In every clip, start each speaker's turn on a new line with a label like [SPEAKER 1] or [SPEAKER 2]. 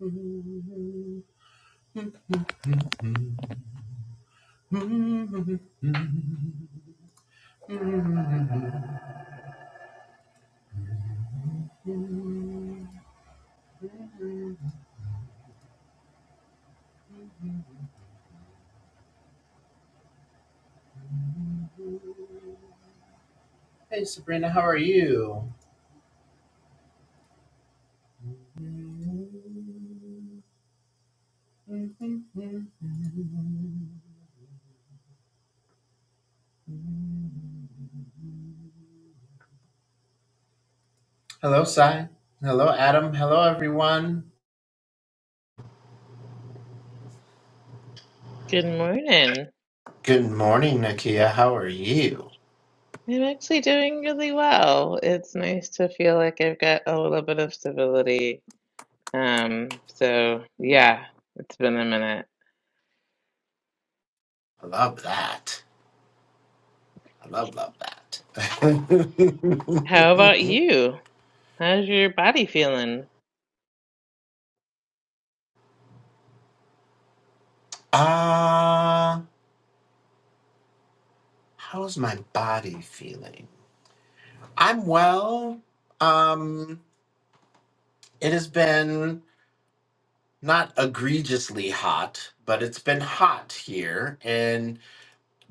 [SPEAKER 1] Hey Sabrina, how are you? Hello, Sai. Hello, Adam. Hello, everyone.
[SPEAKER 2] Good morning.
[SPEAKER 1] Good morning, Nakia. How are you?
[SPEAKER 2] I'm actually doing really well. It's nice to feel like I've got a little bit of stability. Um, so yeah, it's been a minute.
[SPEAKER 1] I love that. I love, love that.
[SPEAKER 2] How about you? How's your body feeling?
[SPEAKER 1] Uh, how's my body feeling? I'm well. Um, it has been not egregiously hot, but it's been hot here. And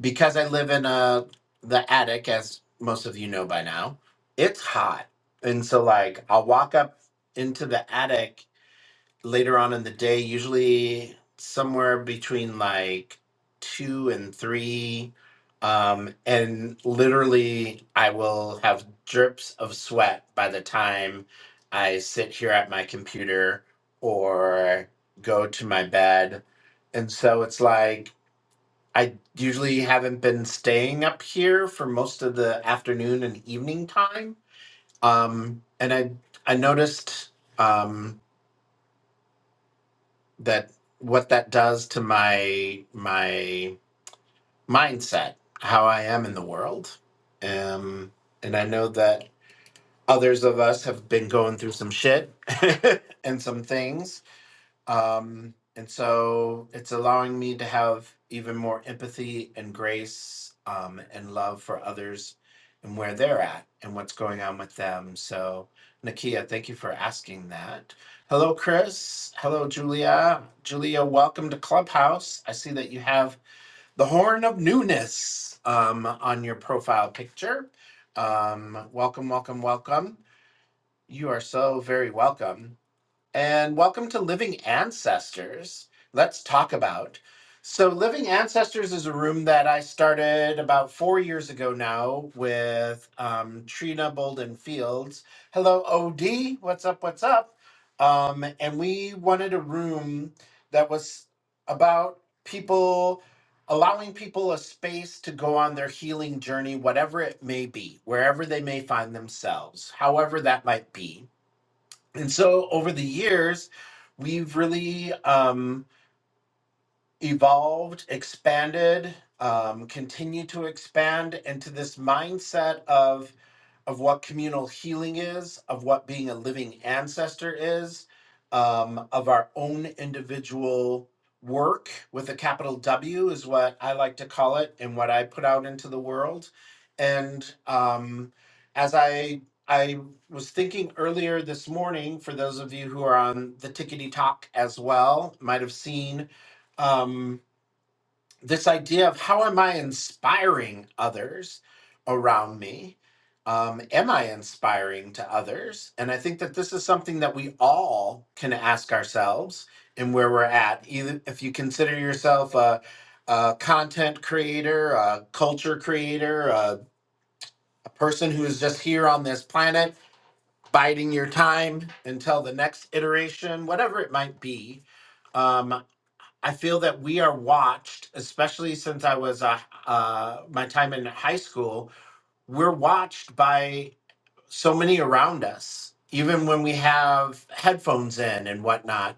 [SPEAKER 1] because I live in uh the attic, as most of you know by now, it's hot. And so like I'll walk up into the attic later on in the day, usually somewhere between like two and three. Um, and literally, I will have drips of sweat by the time I sit here at my computer or go to my bed. And so it's like I usually haven't been staying up here for most of the afternoon and evening time. Um, and I I noticed Um, that what that does to my my mindset, how I am in the world. Um, and I know that others of us have been going through some shit and some things um, and so it's allowing me to have even more empathy and grace um, and love for others and where they're at and what's going on with them. So, Nakia, thank you for asking that. Hello, Chris. Hello, Julia. Julia, welcome to Clubhouse. I see that you have the horn of newness um, on your profile picture. Um, welcome, welcome, welcome. You are so very welcome and welcome to Living Ancestors. Let's talk about. So, Living Ancestors is a room that I started about four years ago now with um, Trina Bolden Fields. Hello, OD. What's up? What's up? Um, and we wanted a room that was about people allowing people a space to go on their healing journey, whatever it may be, wherever they may find themselves, however that might be and so over the years, we've really um, evolved, expanded, um, continued to expand into this mindset of of what communal healing is, of what being a living ancestor is, um, of our own individual work with a capital W is what I like to call it and what I put out into the world. And um, as I I was thinking earlier this morning, for those of you who are on the tickety talk as well, might have seen. Um, this idea of how am I inspiring others around me? Um, am I inspiring to others? And I think that this is something that we all can ask ourselves and where we're at. Either if you consider yourself a, a content creator, a culture creator, a, a person who is just here on this planet, biding your time until the next iteration, whatever it might be. Um, I feel that we are watched, especially since I was a, uh, my time in high school. We're watched by so many around us, even when we have headphones in and whatnot,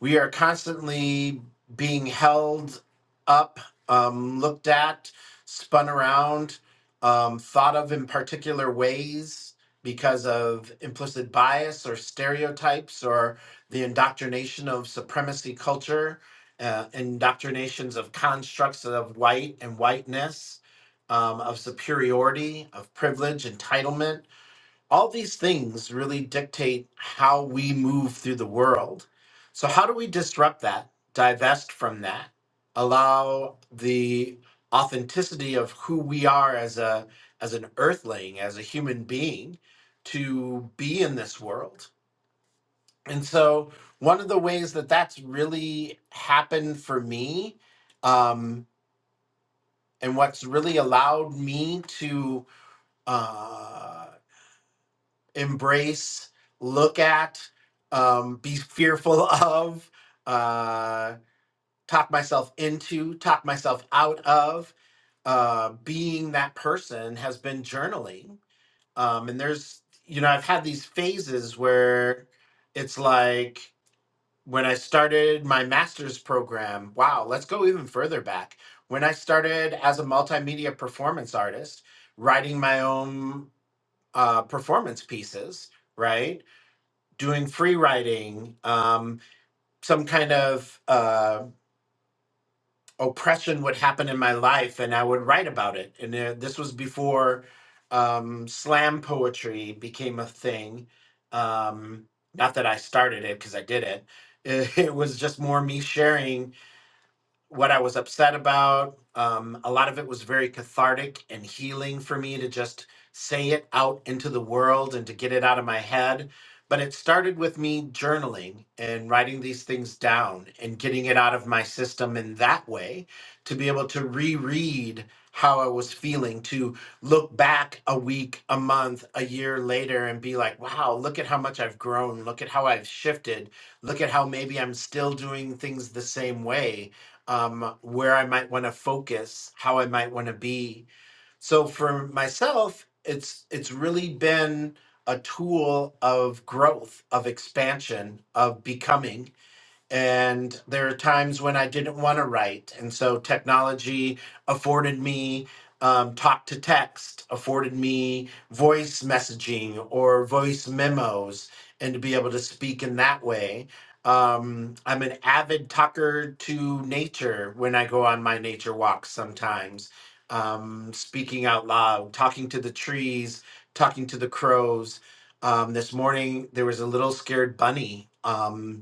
[SPEAKER 1] we are constantly being held up, um, looked at, spun around, um, thought of in particular ways because of implicit bias or stereotypes or the indoctrination of supremacy culture, uh, indoctrinations of constructs of white and whiteness. Um, of superiority, of privilege, entitlement, all these things really dictate how we move through the world. So, how do we disrupt that, divest from that, allow the authenticity of who we are as a as an earthling, as a human being, to be in this world? And so, one of the ways that that's really happened for me, um, and what's really allowed me to. Uh, embrace, look at, um, be fearful of, uh, talk myself into, talk myself out of. Uh, being that person has been journaling. Um, and there's, you know, I've had these phases where it's like when I started my master's program, wow, let's go even further back. When I started as a multimedia performance artist, writing my own uh, performance pieces, right? doing free writing, um, some kind of uh, oppression would happen in my life, and I would write about it. And uh, this was before um, slam poetry became a thing. Um, not that I started it because I did it. It was just more me sharing what I was upset about. Um, a lot of it was very cathartic and healing for me to just say it out into the world and to get it out of my head. But it started with me journaling and writing these things down and getting it out of my system in that way to be able to reread how I was feeling, to look back a week, a month, a year later and be like, wow, look at how much I've grown. Look at how I've shifted. Look at how maybe I'm still doing things the same way um, where I might want to focus, how I might want to be. So for myself, it's it's really been a tool of growth, of expansion, of becoming and there are times when I didn't want to write. And so technology afforded me um, talk to text, afforded me voice messaging or voice memos, and to be able to speak in that way. Um, I'm an avid talker to nature when I go on my nature walks sometimes, um, speaking out loud, talking to the trees, talking to the crows. Um, this morning, there was a little scared bunny. um,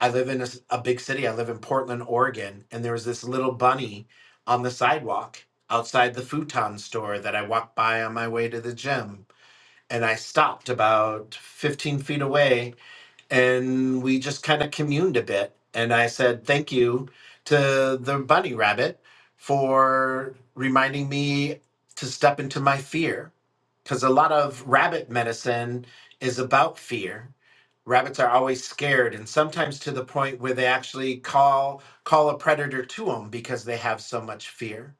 [SPEAKER 1] I live in a, s- a big city. I live in Portland, Oregon, and there was this little bunny on the sidewalk outside the futon store that I walked by on my way to the gym. And I stopped about 15 feet away and we just kind of communed a bit. And I said, thank you to the bunny rabbit for reminding me to step into my fear. Because a lot of rabbit medicine is about fear. Rabbits are always scared, and sometimes to the point where they actually call call a predator to them because they have so much fear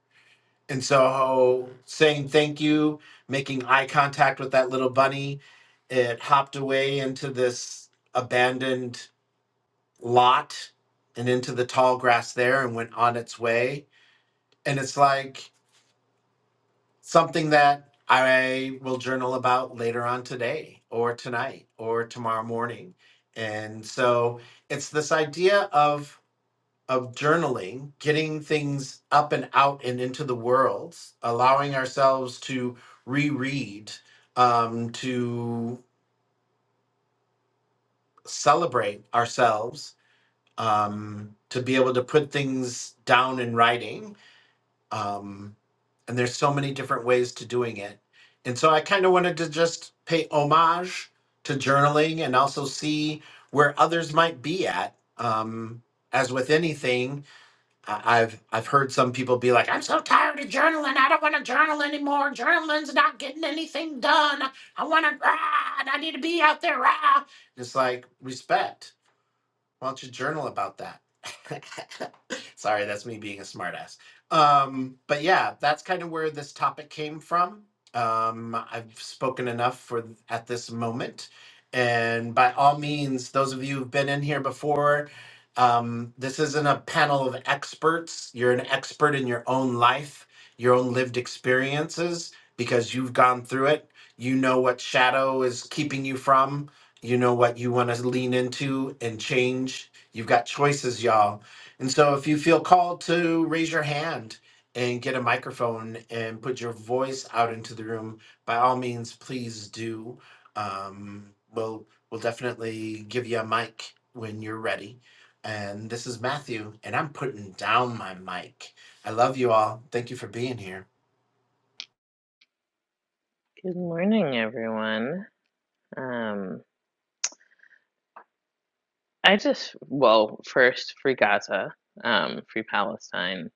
[SPEAKER 1] and so saying thank you, making eye contact with that little bunny, it hopped away into this abandoned lot and into the tall grass there and went on its way. And it's like something that I will journal about later on today or tonight or tomorrow morning. And so it's this idea of of journaling, getting things up and out and into the world, allowing ourselves to reread, um, to celebrate ourselves, um, to be able to put things down in writing. Um, and there's so many different ways to doing it. And so I kind of wanted to just pay homage to journaling and also see where others might be at. Um, as with anything, I- I've I've heard some people be like, I'm so tired of journaling. I don't want to journal anymore. Journaling's not getting anything done. I want to ride. I need to be out there. Rah. It's like respect. Why don't you journal about that? Sorry, that's me being a smartass. Um, but yeah, that's kind of where this topic came from. Um, I've spoken enough for at this moment, and by all means, those of you who've been in here before, um, this isn't a panel of experts. You're an expert in your own life, your own lived experiences, because you've gone through it. You know what shadow is keeping you from. You know what you want to lean into and change. You've got choices, y'all and so, if you feel called to raise your hand and get a microphone and put your voice out into the room, by all means, please do. Um, we'll we'll definitely give you a mic when you're ready. And this is Matthew, and I'm putting down my mic. I love you all. Thank you for being here.
[SPEAKER 2] Good morning, everyone. Um, I just, well, first, free Gaza, um, free Palestine,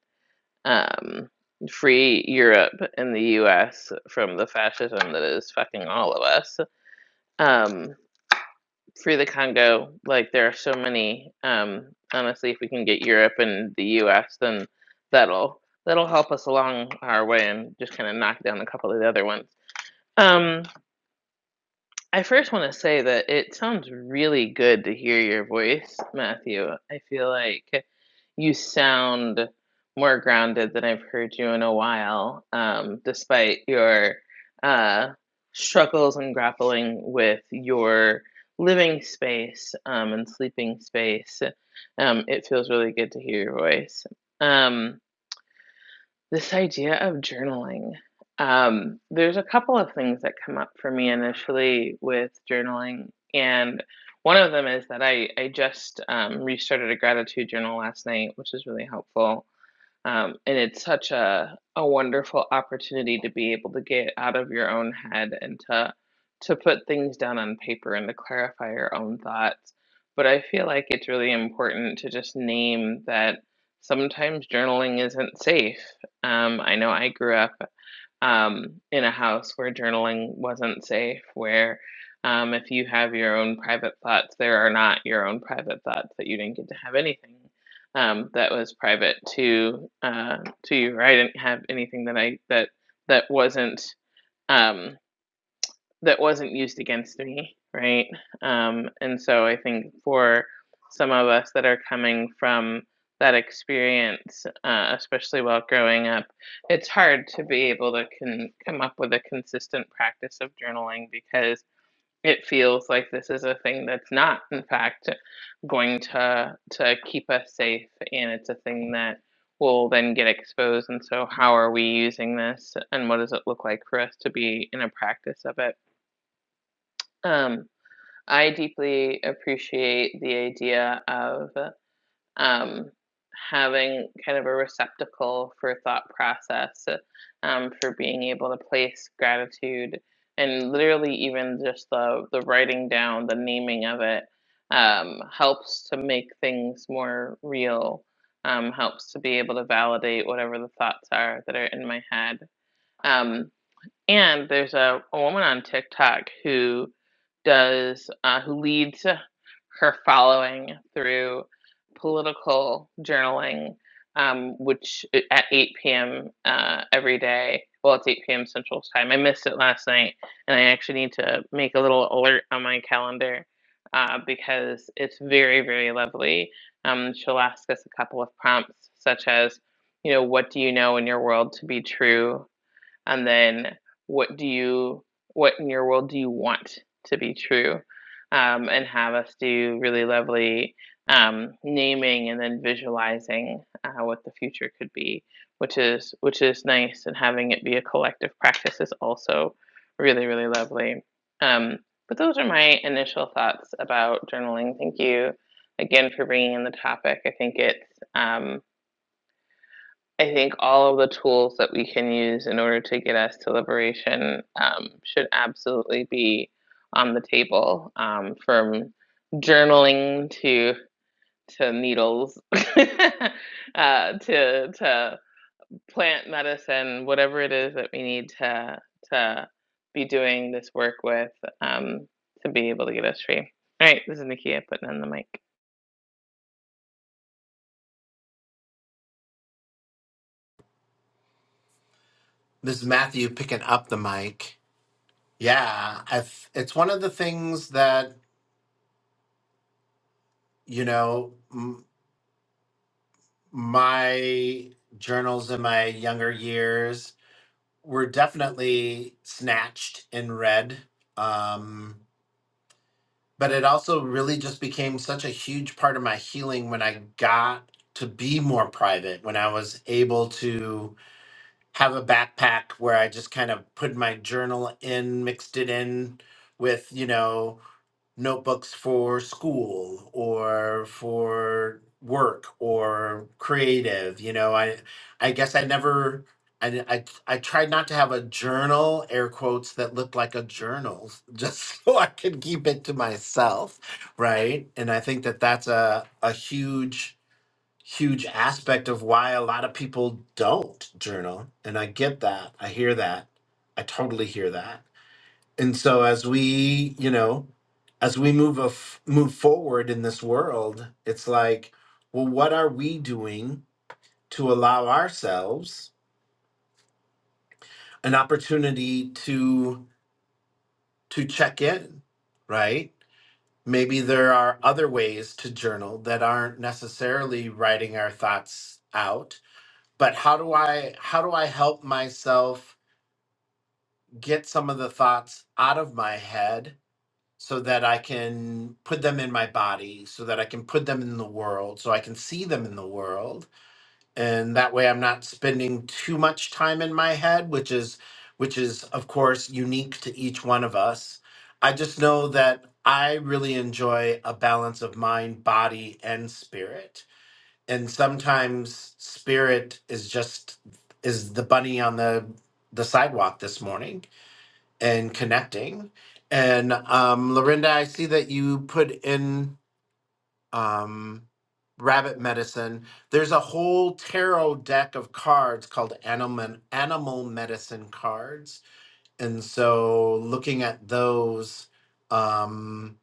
[SPEAKER 2] um, free Europe and the US from the fascism that is fucking all of us. Um, free the Congo. Like there are so many. Um, honestly, if we can get Europe and the U.S., then that'll that'll help us along our way and just kind of knock down a couple of the other ones. Um, I first want to say that it sounds really good to hear your voice, Matthew. I feel like you sound more grounded than I've heard you in a while, um, despite your uh, struggles and grappling with your living space um, and sleeping space. Um, it feels really good to hear your voice. Um, this idea of journaling. Um, there's a couple of things that come up for me initially with journaling, and one of them is that I I just um, restarted a gratitude journal last night, which is really helpful. Um, and it's such a, a wonderful opportunity to be able to get out of your own head and to to put things down on paper and to clarify your own thoughts. But I feel like it's really important to just name that sometimes journaling isn't safe. Um, I know I grew up um, in a house where journaling wasn't safe, where um, if you have your own private thoughts, there are not your own private thoughts that you didn't get to have anything um, that was private to uh, to you. Or I didn't have anything that I that that wasn't. Um, that wasn't used against me, right? Um, and so I think for some of us that are coming from that experience, uh, especially while growing up, it's hard to be able to can come up with a consistent practice of journaling because it feels like this is a thing that's not, in fact, going to to keep us safe, and it's a thing that will then get exposed. And so, how are we using this, and what does it look like for us to be in a practice of it? Um, I deeply appreciate the idea of um, having kind of a receptacle for thought process, um, for being able to place gratitude and literally even just the, the writing down, the naming of it um, helps to make things more real, um, helps to be able to validate whatever the thoughts are that are in my head. Um, and there's a, a woman on TikTok who does uh, who leads her following through political journaling, um, which uh, at 8 p.m. Uh, every day. Well, it's 8 p.m. Central Time. I missed it last night, and I actually need to make a little alert on my calendar uh, because it's very, very lovely. Um, she'll ask us a couple of prompts, such as, you know, what do you know in your world to be true? and then what do you what in your world do you want to be true um, and have us do really lovely um, naming and then visualizing uh, what the future could be which is which is nice and having it be a collective practice is also really really lovely um, but those are my initial thoughts about journaling thank you again for bringing in the topic i think it's um, I think all of the tools that we can use in order to get us to liberation um, should absolutely be on the table, um, from journaling to to needles, uh, to to plant medicine, whatever it is that we need to to be doing this work with um, to be able to get us free. All right, this is Nikia putting on the mic.
[SPEAKER 1] This is Matthew picking up the mic. Yeah, I th- it's one of the things that you know m- my journals in my younger years were definitely snatched and read. Um, but it also really just became such a huge part of my healing when I got to be more private, when I was able to have a backpack where I just kind of put my journal in, mixed it in with, you know, notebooks for school or for work or creative you know i i guess i never I, I i tried not to have a journal air quotes that looked like a journal just so i could keep it to myself right and i think that that's a a huge huge aspect of why a lot of people don't journal and i get that i hear that i totally hear that and so as we you know as we move a f- move forward in this world it's like well what are we doing to allow ourselves an opportunity to to check in right maybe there are other ways to journal that aren't necessarily writing our thoughts out but how do i how do i help myself get some of the thoughts out of my head so that I can put them in my body, so that I can put them in the world, so I can see them in the world. And that way I'm not spending too much time in my head, which is which is of course unique to each one of us. I just know that I really enjoy a balance of mind, body, and spirit. And sometimes spirit is just is the bunny on the the sidewalk this morning and connecting. And um, Lorinda, I see that you put in um, rabbit medicine. There's a whole tarot deck of cards called animal animal medicine cards, and so looking at those. Um,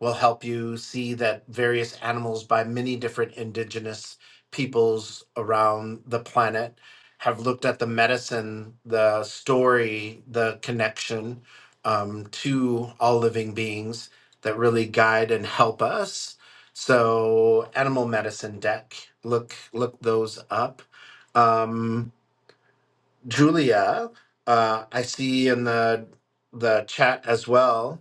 [SPEAKER 1] will help you see that various animals by many different indigenous peoples around the planet have looked at the medicine, the story, the connection um, to all living beings that really guide and help us. So, animal medicine deck, look look those up. Um, Julia, uh, I see in the the chat as well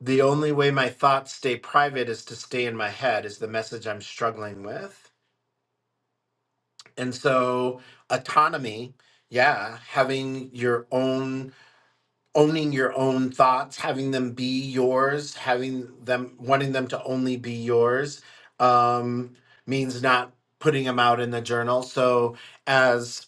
[SPEAKER 1] The only way my thoughts stay private is to stay in my head, is the message I'm struggling with. And so, autonomy, yeah, having your own, owning your own thoughts, having them be yours, having them, wanting them to only be yours um, means not putting them out in the journal. So, as.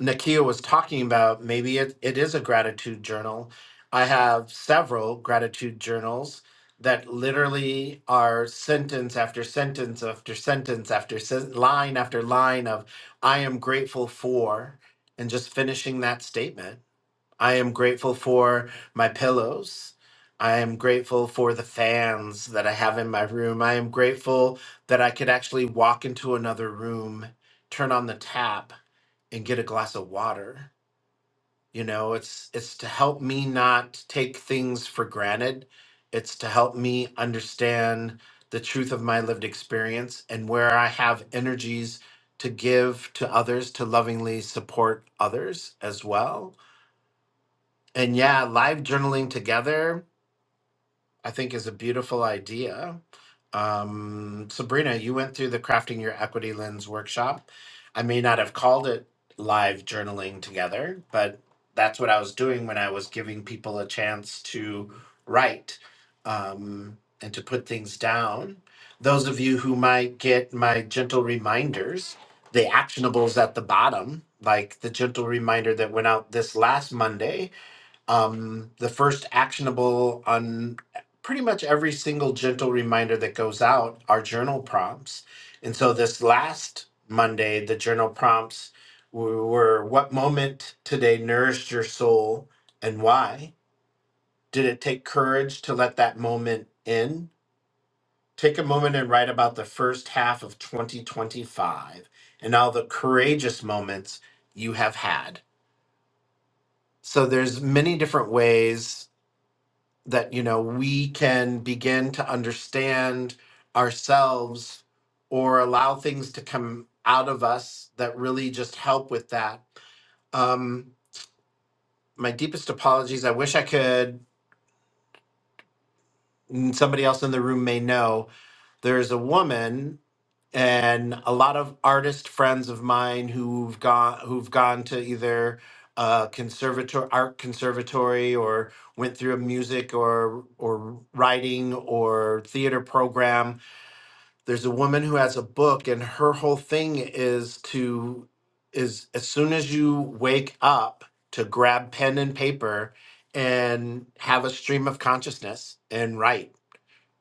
[SPEAKER 1] Nakia was talking about, maybe it, it is a gratitude journal. I have several gratitude journals that literally are sentence after sentence after sentence after sen- line after line of, I am grateful for, and just finishing that statement. I am grateful for my pillows. I am grateful for the fans that I have in my room. I am grateful that I could actually walk into another room, turn on the tap, and get a glass of water. You know, it's it's to help me not take things for granted. It's to help me understand the truth of my lived experience and where I have energies to give to others to lovingly support others as well and yeah, live journaling together, I think, is a beautiful idea. Um, Sabrina, you went through the Crafting Your Equity Lens workshop. I may not have called it live journaling together, but that's what I was doing when I was giving people a chance to write um, and to put things down. Those of you who might get my gentle reminders, the actionables at the bottom, like the gentle reminder that went out this last Monday um, the first actionable on pretty much every single gentle reminder that goes out are journal prompts. And so this last Monday, the journal prompts w- were what moment today nourished your soul and why? Did it take courage to let that moment in? Take a moment and write about the first half of 2025 and all the courageous moments you have had. So there's many different ways that you know we can begin to understand ourselves or allow things to come out of us that really just help with that um my deepest apologies i wish i could and somebody else in the room may know there's a woman and a lot of artist friends of mine who've gone who've gone to either a conservatory art conservatory or went through a music or or writing or theater program there's a woman who has a book and her whole thing is to is as soon as you wake up to grab pen and paper and have a stream of consciousness and write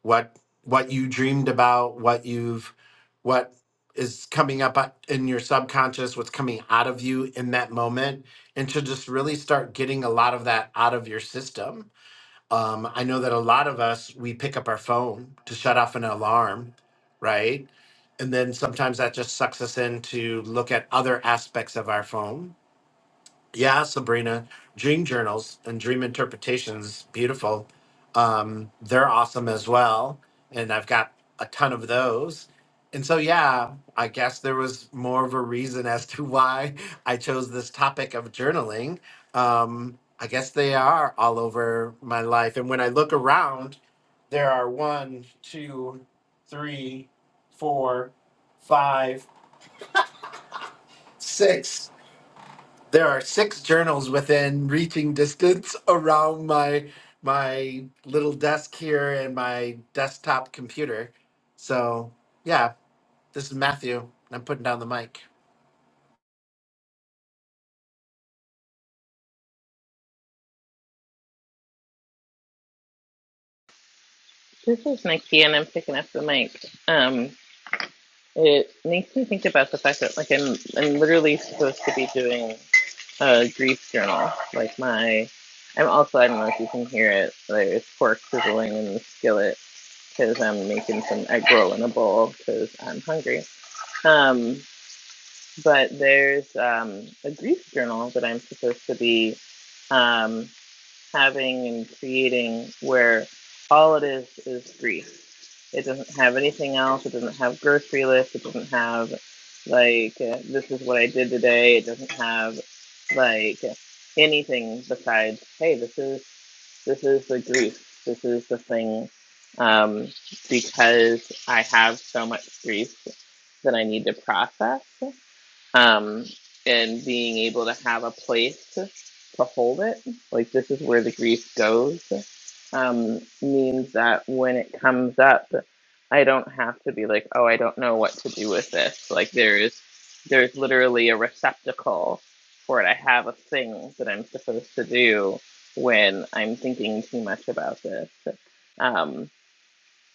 [SPEAKER 1] what what you dreamed about what you've what is coming up o- in your subconscious what's coming out of you in that moment and to just really start getting a lot of that out of your system um, I know that a lot of us, we pick up our phone to shut off an alarm, right? And then sometimes that just sucks us in to look at other aspects of our phone yeah, Sabrina, dream journals and dream interpretations, beautiful. Um, they're awesome as well, and I've got a ton of those. And so, yeah, I guess there was more of a reason as to why I chose this topic of journaling. Um, I guess they are all over my life, and when I look around, there are one, two, three, four, five, six. There are six journals within reaching distance around my my little desk here and my desktop computer. So yeah, this is Matthew. and I'm putting down the mic.
[SPEAKER 2] This is Nikia, and I'm picking up the mic. Um, It makes me think about the fact that like I'm I'm literally supposed to be doing a grief journal. Like my I'm also I don't know if you can hear it. There's pork sizzling in the skillet because I'm making some egg roll in a bowl because I'm hungry. Um, but there's um, a grief journal that I'm supposed to be um, having and creating where all it is is grief it doesn't have anything else. It doesn't have grocery lists. It doesn't have like uh, this is what I did today. It doesn't have like anything besides hey, this is this is the grief. This is the thing um, because I have so much grief that I need to process um, and being able to have a place to hold it, like this is where the grief goes, um, means that when it comes up, I don't have to be like, oh, I don't know what to do with this. Like there is, there's literally a receptacle for it. I have a thing that I'm supposed to do when I'm thinking too much about this. Um,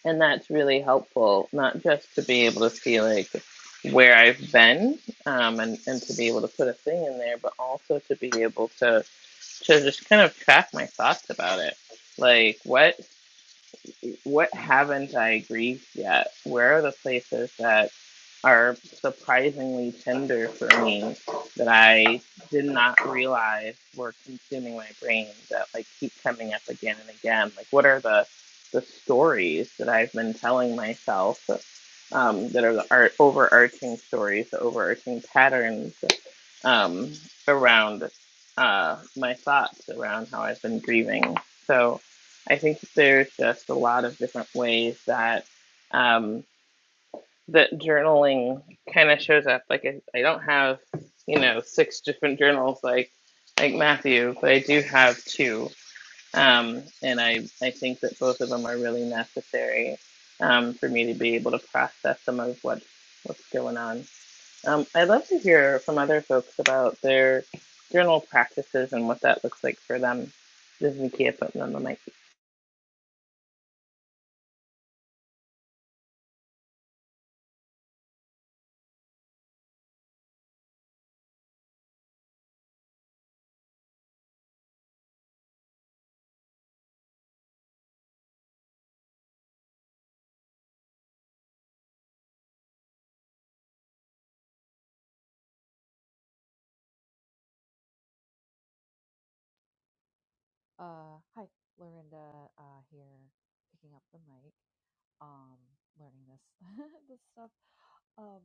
[SPEAKER 2] and that's really helpful, not just to be able to see like where I've been um, and, and to be able to put a thing in there, but also to be able to, to just kind of track my thoughts about it. Like, what? what haven't I grieved yet? Where are the places that are surprisingly tender for me that I did not realize were consuming my brain that like keep coming up again and again? Like what are the the stories that I've been telling myself um, that are the art overarching stories, the overarching patterns um, around uh, my thoughts around how I've been grieving. So I think there's just a lot of different ways that um, that journaling kind of shows up. Like I, I don't have you know six different journals like like Matthew, but I do have two, um, and I I think that both of them are really necessary um, for me to be able to process some of what what's going on. Um, I'd love to hear from other folks about their journal practices and what that looks like for them. This is Nikia putting on the mic.
[SPEAKER 3] Uh, hi, Lorinda, uh, here picking up the mic, um, learning this this stuff. Um,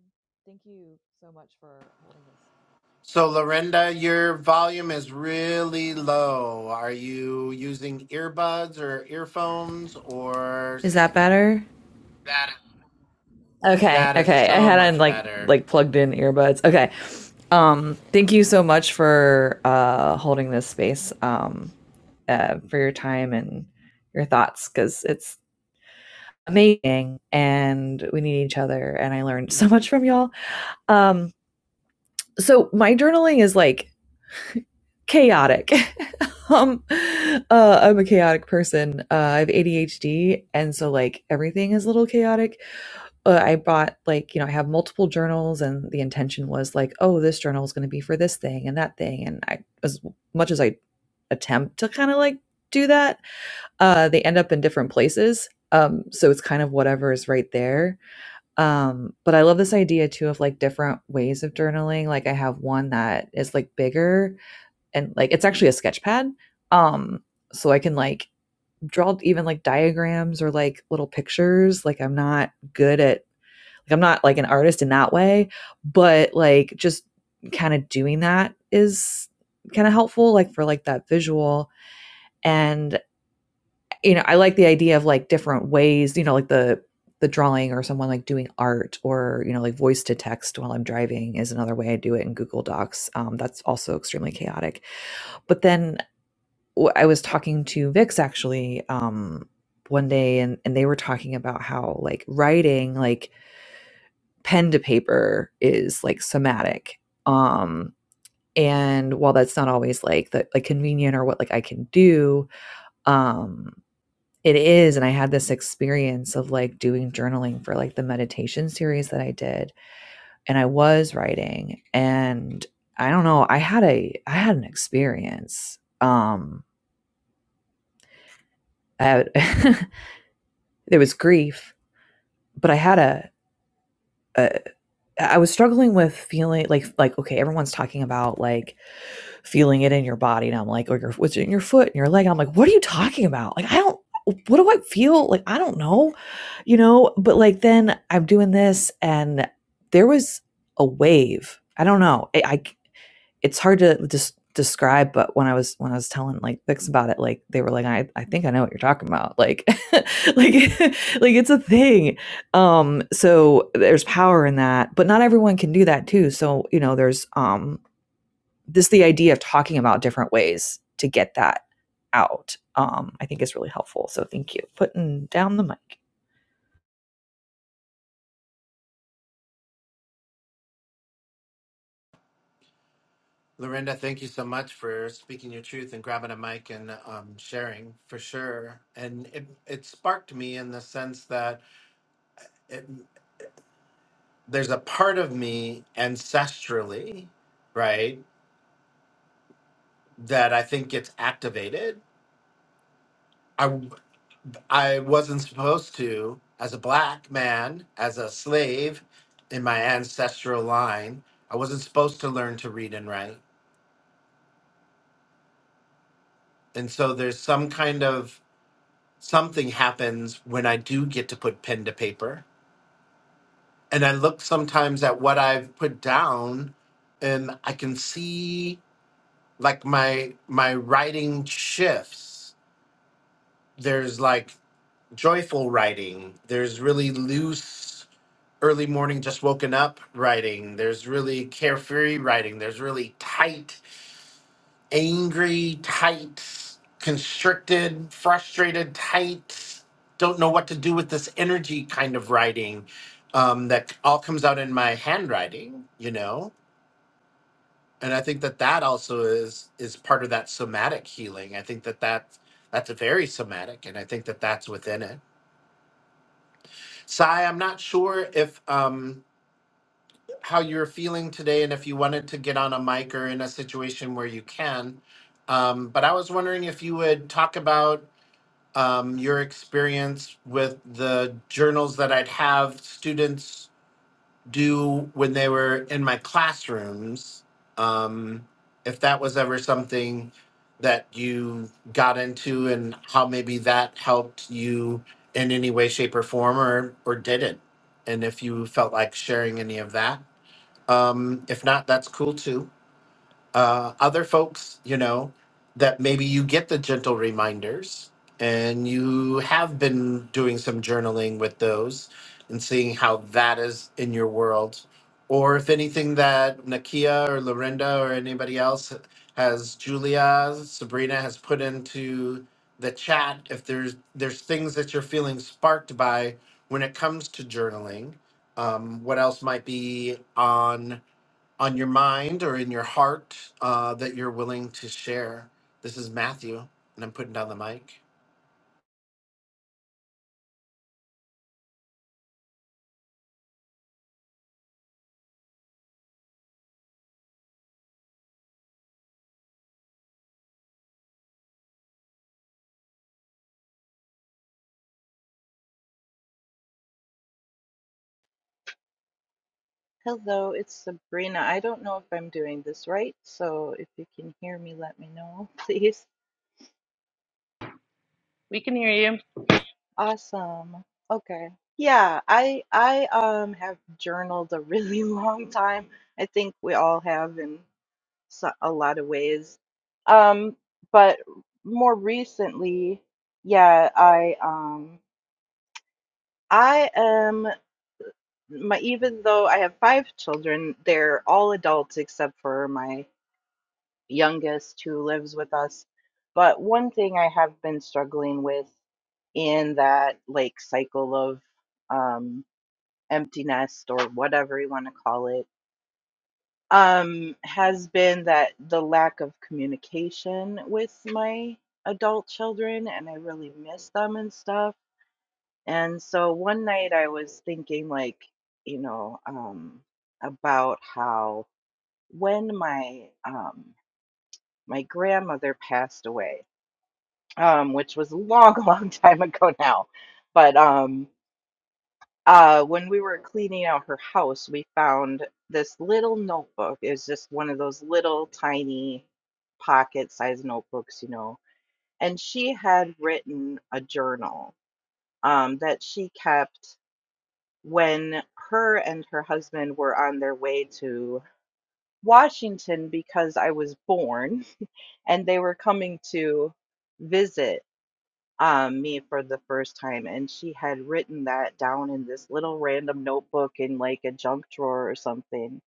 [SPEAKER 3] thank you so much for holding this.
[SPEAKER 1] So Lorinda, your volume is really
[SPEAKER 3] Okay.
[SPEAKER 1] low. Are you using earbuds or earphones or
[SPEAKER 3] Is
[SPEAKER 1] s-
[SPEAKER 3] that better? Better. Okay,
[SPEAKER 1] that is
[SPEAKER 3] okay. I
[SPEAKER 1] so
[SPEAKER 3] hadn't
[SPEAKER 1] much
[SPEAKER 3] like
[SPEAKER 1] better.
[SPEAKER 3] like plugged in earbuds. Okay. Um, thank you so much for uh holding this space, um, uh, for your time and your thoughts because it's amazing and we need each other and I learned so much from y'all. Um so my journaling is like chaotic. um uh I'm a chaotic person. Uh I have ADHD and so like everything is a little chaotic. Uh, I bought like, you know, I have multiple journals and the intention was like, oh, this journal is going to be for this thing and that thing and I as much as I attempt to kind of like do that, uh they end up in different places. Um so it's kind of whatever is right there um, but I love this idea too of like different ways of journaling. Like I have one that is like bigger and like it's actually a sketch pad. Um, so I can like draw even like diagrams or like little pictures. Like I'm not good at like I'm not like an artist in that way, but like just kind of doing that is kind of helpful like for like that visual and you know, I like the idea of like different ways, you know, like the the drawing or someone like doing art or you know like voice to text while i'm driving is another way i do it in google docs um, that's also extremely chaotic but then w- i was talking to vix actually um, one day and, and they were talking about how like writing like pen to paper is like somatic um and while that's not always like the like convenient or what like i can do um it is and i had this experience of like doing journaling for like the meditation series that i did and i was writing and i don't know i had a i had an experience um i had there was grief but i had a, a i was struggling with feeling like like okay everyone's talking about like feeling it in your body. And I'm like, or your, what's in your foot and your leg. And I'm like, what are you talking about? Like, I don't, what do I feel? Like, I don't know, you know, but like then I'm doing this and there was a wave. I don't know. I, I it's hard to just describe, but when I was, when I was telling like Vix about it, like they were like, I, I think I know what you're talking about. Like, like, like it's a thing. Um, so there's power in that, but not everyone can do that too. So, you know, there's, um, this the idea of talking about different ways to get that out um, i think is really helpful so thank you putting down the mic
[SPEAKER 1] Lorinda, thank you so much for speaking your truth and grabbing a mic and um, sharing for sure. And it, it sparked me in the sense that it, there's a part of me ancestrally, right, that I think gets activated. I, I wasn't supposed to, as a black man, as a slave in my ancestral line, I wasn't supposed to learn to read and write. And so there's some kind of something happens when I do get to put pen to paper. And I look sometimes at what I've put down and I can see like my my writing shifts. There's like joyful writing. There's really loose early morning just woken up writing. There's really carefree writing. There's really tight angry, tight, constricted, frustrated, tight, don't know what to do with this energy kind of writing um, that all comes out in my handwriting, you know. And I think that that also is is part of that somatic healing. I think that that that's very somatic, and I think that that's within it. Sai, I'm not sure if um, how you're feeling today, and if you wanted to get on a mic or in a situation where you can. Um, but I was wondering if you would talk about um, your experience with the journals that I'd have students do when they were in my classrooms. Um, if that was ever something that you got into, and how maybe that helped you in any way, shape, or form, or or didn't, and if you felt like sharing any of that. Um, if not, that's cool too uh, other folks, you know, that maybe you get the gentle reminders and you have been doing some journaling with those and seeing how that is in your world. Or if anything that Nakia or Lorinda or anybody else has, Julia, Sabrina has put into the chat, if there's there's things that you're feeling sparked by when it comes to journaling, um, what else might be on on your mind or in your heart uh, that you're willing to share. This is Matthew, and I'm putting down the mic.
[SPEAKER 4] Hello, it's Sabrina. I don't know if I'm doing this right, so if you can hear me, let me know, please.
[SPEAKER 2] We can hear you.
[SPEAKER 4] Awesome. Okay. Yeah, I I um have journaled a really long time. I think we all have in so, a lot of ways. Um, but more recently, yeah, I um I am my even though I have five children, they're all adults except for my youngest who lives with us. But one thing I have been struggling with in that like cycle of um, empty nest or whatever you want to call it um, has been that the lack of communication with my adult children and I really miss them and stuff. And so one night I was thinking like, you know, um, about how when my um, my grandmother passed away, um, which was a long, long time ago now. But um, uh, when we were cleaning out her house, we found this little notebook. It's just one of those little tiny pocket sized notebooks, you know. And she had written a journal um, that she kept when her and her husband were on their way to Washington because I was born and they were coming to visit um, me for the first time, and she had written that down in this little random notebook in like a junk drawer or something.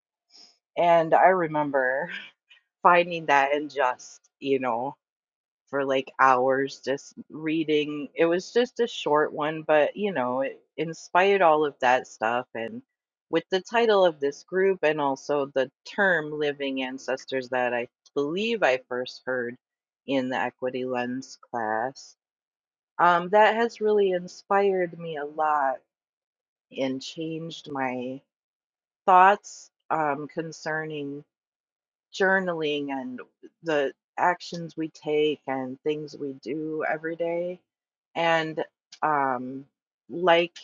[SPEAKER 4] And I remember finding that and just, you know, for like hours just reading. It was just a short one, but you know, it inspired all of that stuff. And with the title of this group and also the term living ancestors that I believe I first heard in the equity lens class um, that has really inspired me a lot and changed my thoughts um, concerning journaling and the actions we take and things we do every day. And um, like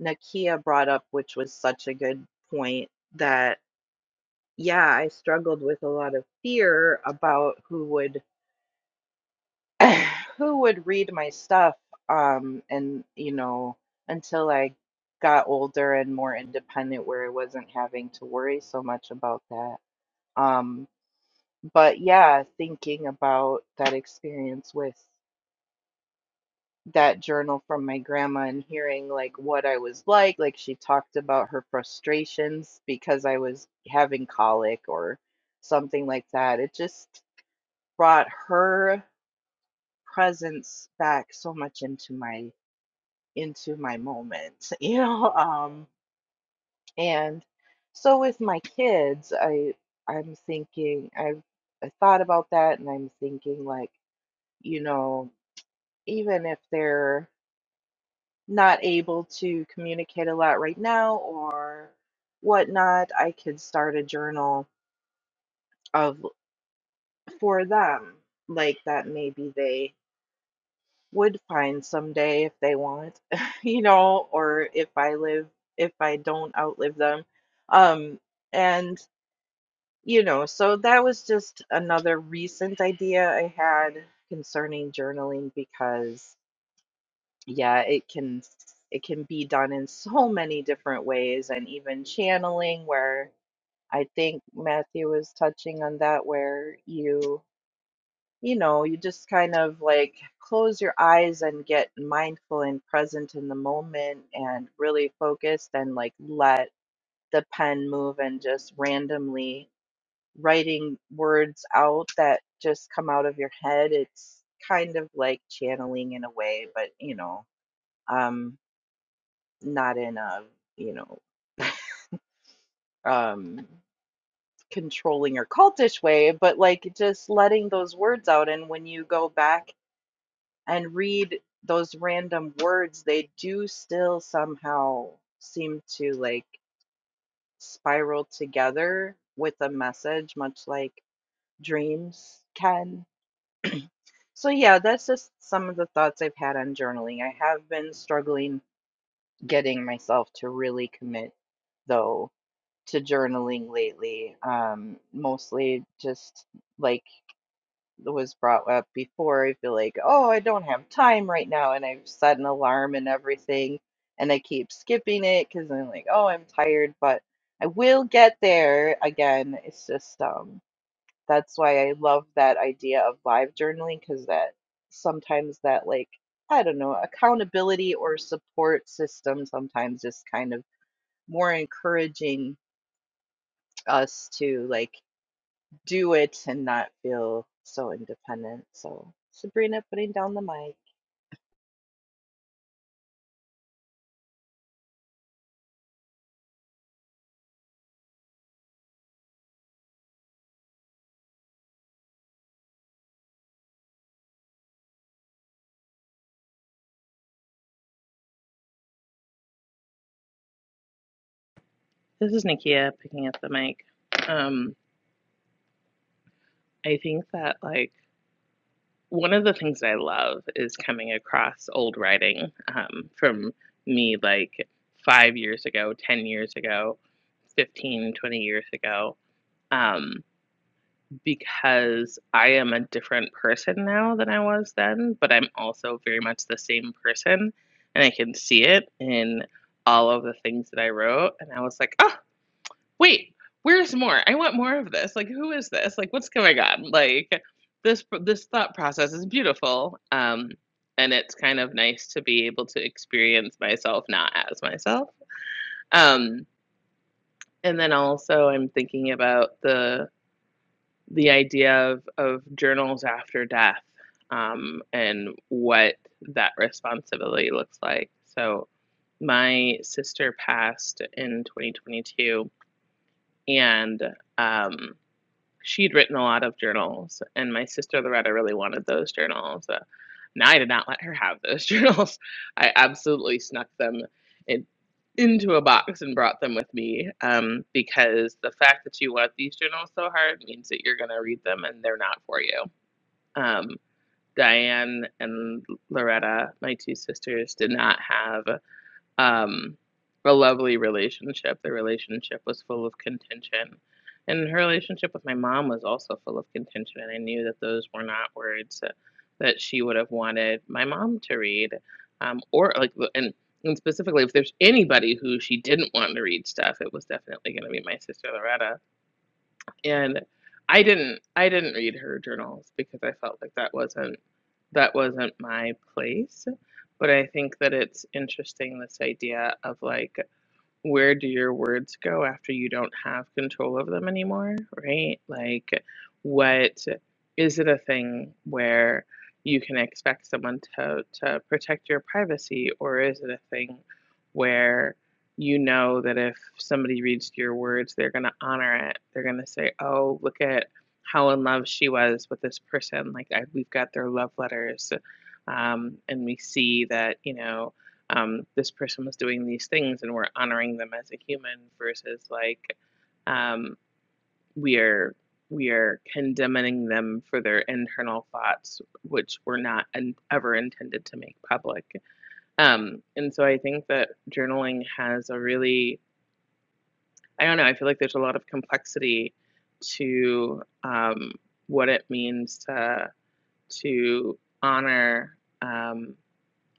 [SPEAKER 4] Nakia brought up, which was such a good point, that yeah, I struggled with a lot of fear about who would who would read my stuff um and you know until I got older and more independent where I wasn't having to worry so much about that um but yeah thinking about that experience with that journal from my grandma and hearing like what I was like like she talked about her frustrations because I was having colic or something like that it just brought her presence back so much into my into my moment, you know. Um, and so with my kids, I I'm thinking I've I thought about that, and I'm thinking like you know even if they're not able to communicate a lot right now or whatnot, I could start a journal of for them like that maybe they would find someday if they want, you know, or if I live, if I don't outlive them. Um, and, you know, so that was just another recent idea I had concerning journaling because, yeah, it can it can be done in so many different ways and even channeling where I think Matthew was touching on that where you you know, you just kind of like close your eyes and get mindful and present in the moment and really focused and like let the pen move and just randomly writing words out that just come out of your head. It's kind of like channeling in a way, but you know, um, not in a, you know, um, controlling or cultish way, but like just letting those words out. And when you go back and read those random words, they do still somehow seem to like spiral together with a message, much like dreams can. So, yeah, that's just some of the thoughts I've had on journaling. I have been struggling getting myself to really commit, though, to journaling lately, um, mostly just like was brought up before. I feel like, oh, I don't have time right now, and I've set an alarm and everything, and I keep skipping it because I'm like, oh, I'm tired, but I will get there again. It's just um, that's why I love that idea of live journaling because that sometimes that like I don't know accountability or support system sometimes is kind of more encouraging us to like do it and not feel so independent. So, Sabrina putting down the mic.
[SPEAKER 2] This is Nikia picking up the mic. Um, I think that like one of the things I love is coming across old writing um, from me like five years ago, 10 years ago, 15, 20 years ago, um, because I am a different person now than I was then, but I'm also very much the same person. And I can see it in all of the things that I wrote. And I was like, oh, wait, where's more? I want more of this. Like, who is this? Like, what's going on? Like, this this thought process is beautiful. Um, and it's kind of nice to be able to experience myself not as myself. Um, and then also, I'm thinking about the the idea of of journals after death, um, and what that responsibility looks like. So, my sister passed in 2022, and um, she'd written a lot of journals, and my sister Loretta really wanted those journals. Uh, now I did not let her have those journals. I absolutely snuck them in, into a box and brought them with me um, because the fact that you want these journals so hard means that you're going to read them and they're not for you. Um, Diane and Loretta, my two sisters, did not have um, a lovely relationship. The relationship was full of contention. And her relationship with my mom was also full of contention. And I knew that those were not words that, she would have wanted my mom to read. Um, or, like, and, and specifically, if there's anybody who she didn't want to read stuff, it was definitely going to be my sister Loretta. And I didn't, I didn't read her journals because I felt like that wasn't that wasn't my place, but I think that it's interesting this idea of like where do your words go after you don't have control of them anymore, right? Like, what is it a thing where you can expect someone to, to protect your privacy, or is it a thing where you know that if somebody reads your words, they're going to honor it? They're going to say, oh, look at how in love she was with this person. Like, I, we've got their love letters. Um, and we see that, you know, um, this person was doing these things and we're honoring them as a human versus like um, we are we are condemning them for their internal thoughts which were not in, ever intended to make public um, and so i think that journaling has a really i don't know i feel like there's a lot of complexity to um, what it means to to honor um,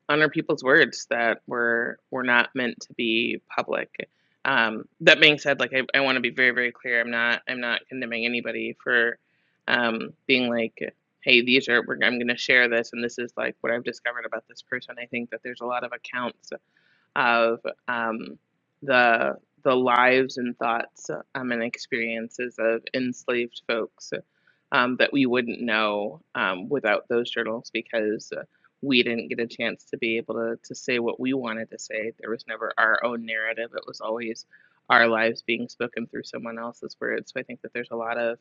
[SPEAKER 2] honor people's words that were were not meant to be public. Um, that being said, like I, I want to be very very clear. I'm not I'm not condemning anybody for um, being like, hey, these are we're, I'm going to share this, and this is like what I've discovered about this person. I think that there's a lot of accounts of um, the the lives and thoughts um, and experiences of enslaved folks um, that we wouldn't know um, without those journals because uh, we didn't get a chance to be able to, to say what we wanted to say. There was never our own narrative. It was always our lives being spoken through someone else's words. So I think that there's a lot of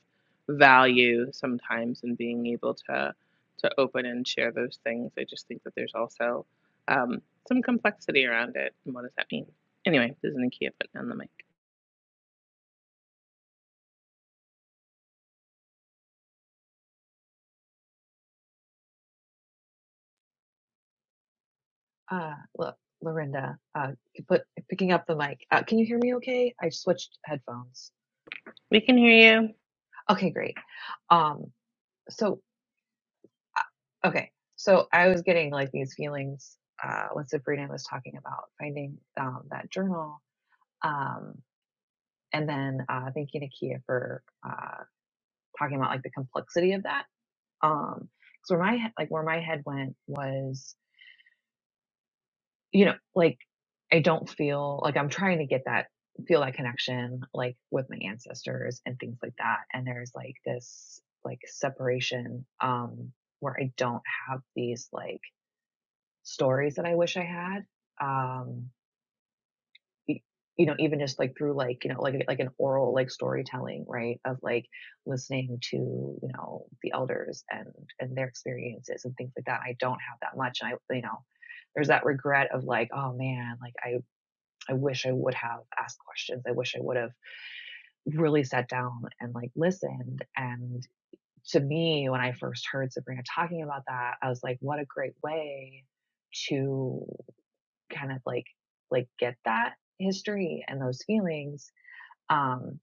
[SPEAKER 2] value sometimes in being able to to open and share those things. I just think that there's also um, some complexity around it. And what does that mean? Anyway, this is Nakia putting on the mic.
[SPEAKER 3] Uh, look, Lorinda, uh, put picking up the mic. Uh, can you hear me okay? I switched headphones.
[SPEAKER 2] We can hear you.
[SPEAKER 3] Okay, great. Um, so, uh, okay, so I was getting like these feelings uh, when Sabrina was talking about finding um, that journal, um, and then uh, thank you, Nakia, for uh, talking about like the complexity of that. Um, so where my he- like where my head went was, you know, like I don't feel like I'm trying to get that feel that connection like with my ancestors and things like that. And there's like this like separation um where I don't have these like stories that I wish I had. Um y- you know even just like through like you know like like an oral like storytelling right of like listening to you know the elders and and their experiences and things like that i don't have that much and i you know there's that regret of like oh man like i i wish i would have asked questions i wish i would have really sat down and like listened and to me when i first heard sabrina talking about that i was like what a great way to kind of like like get that history and those feelings um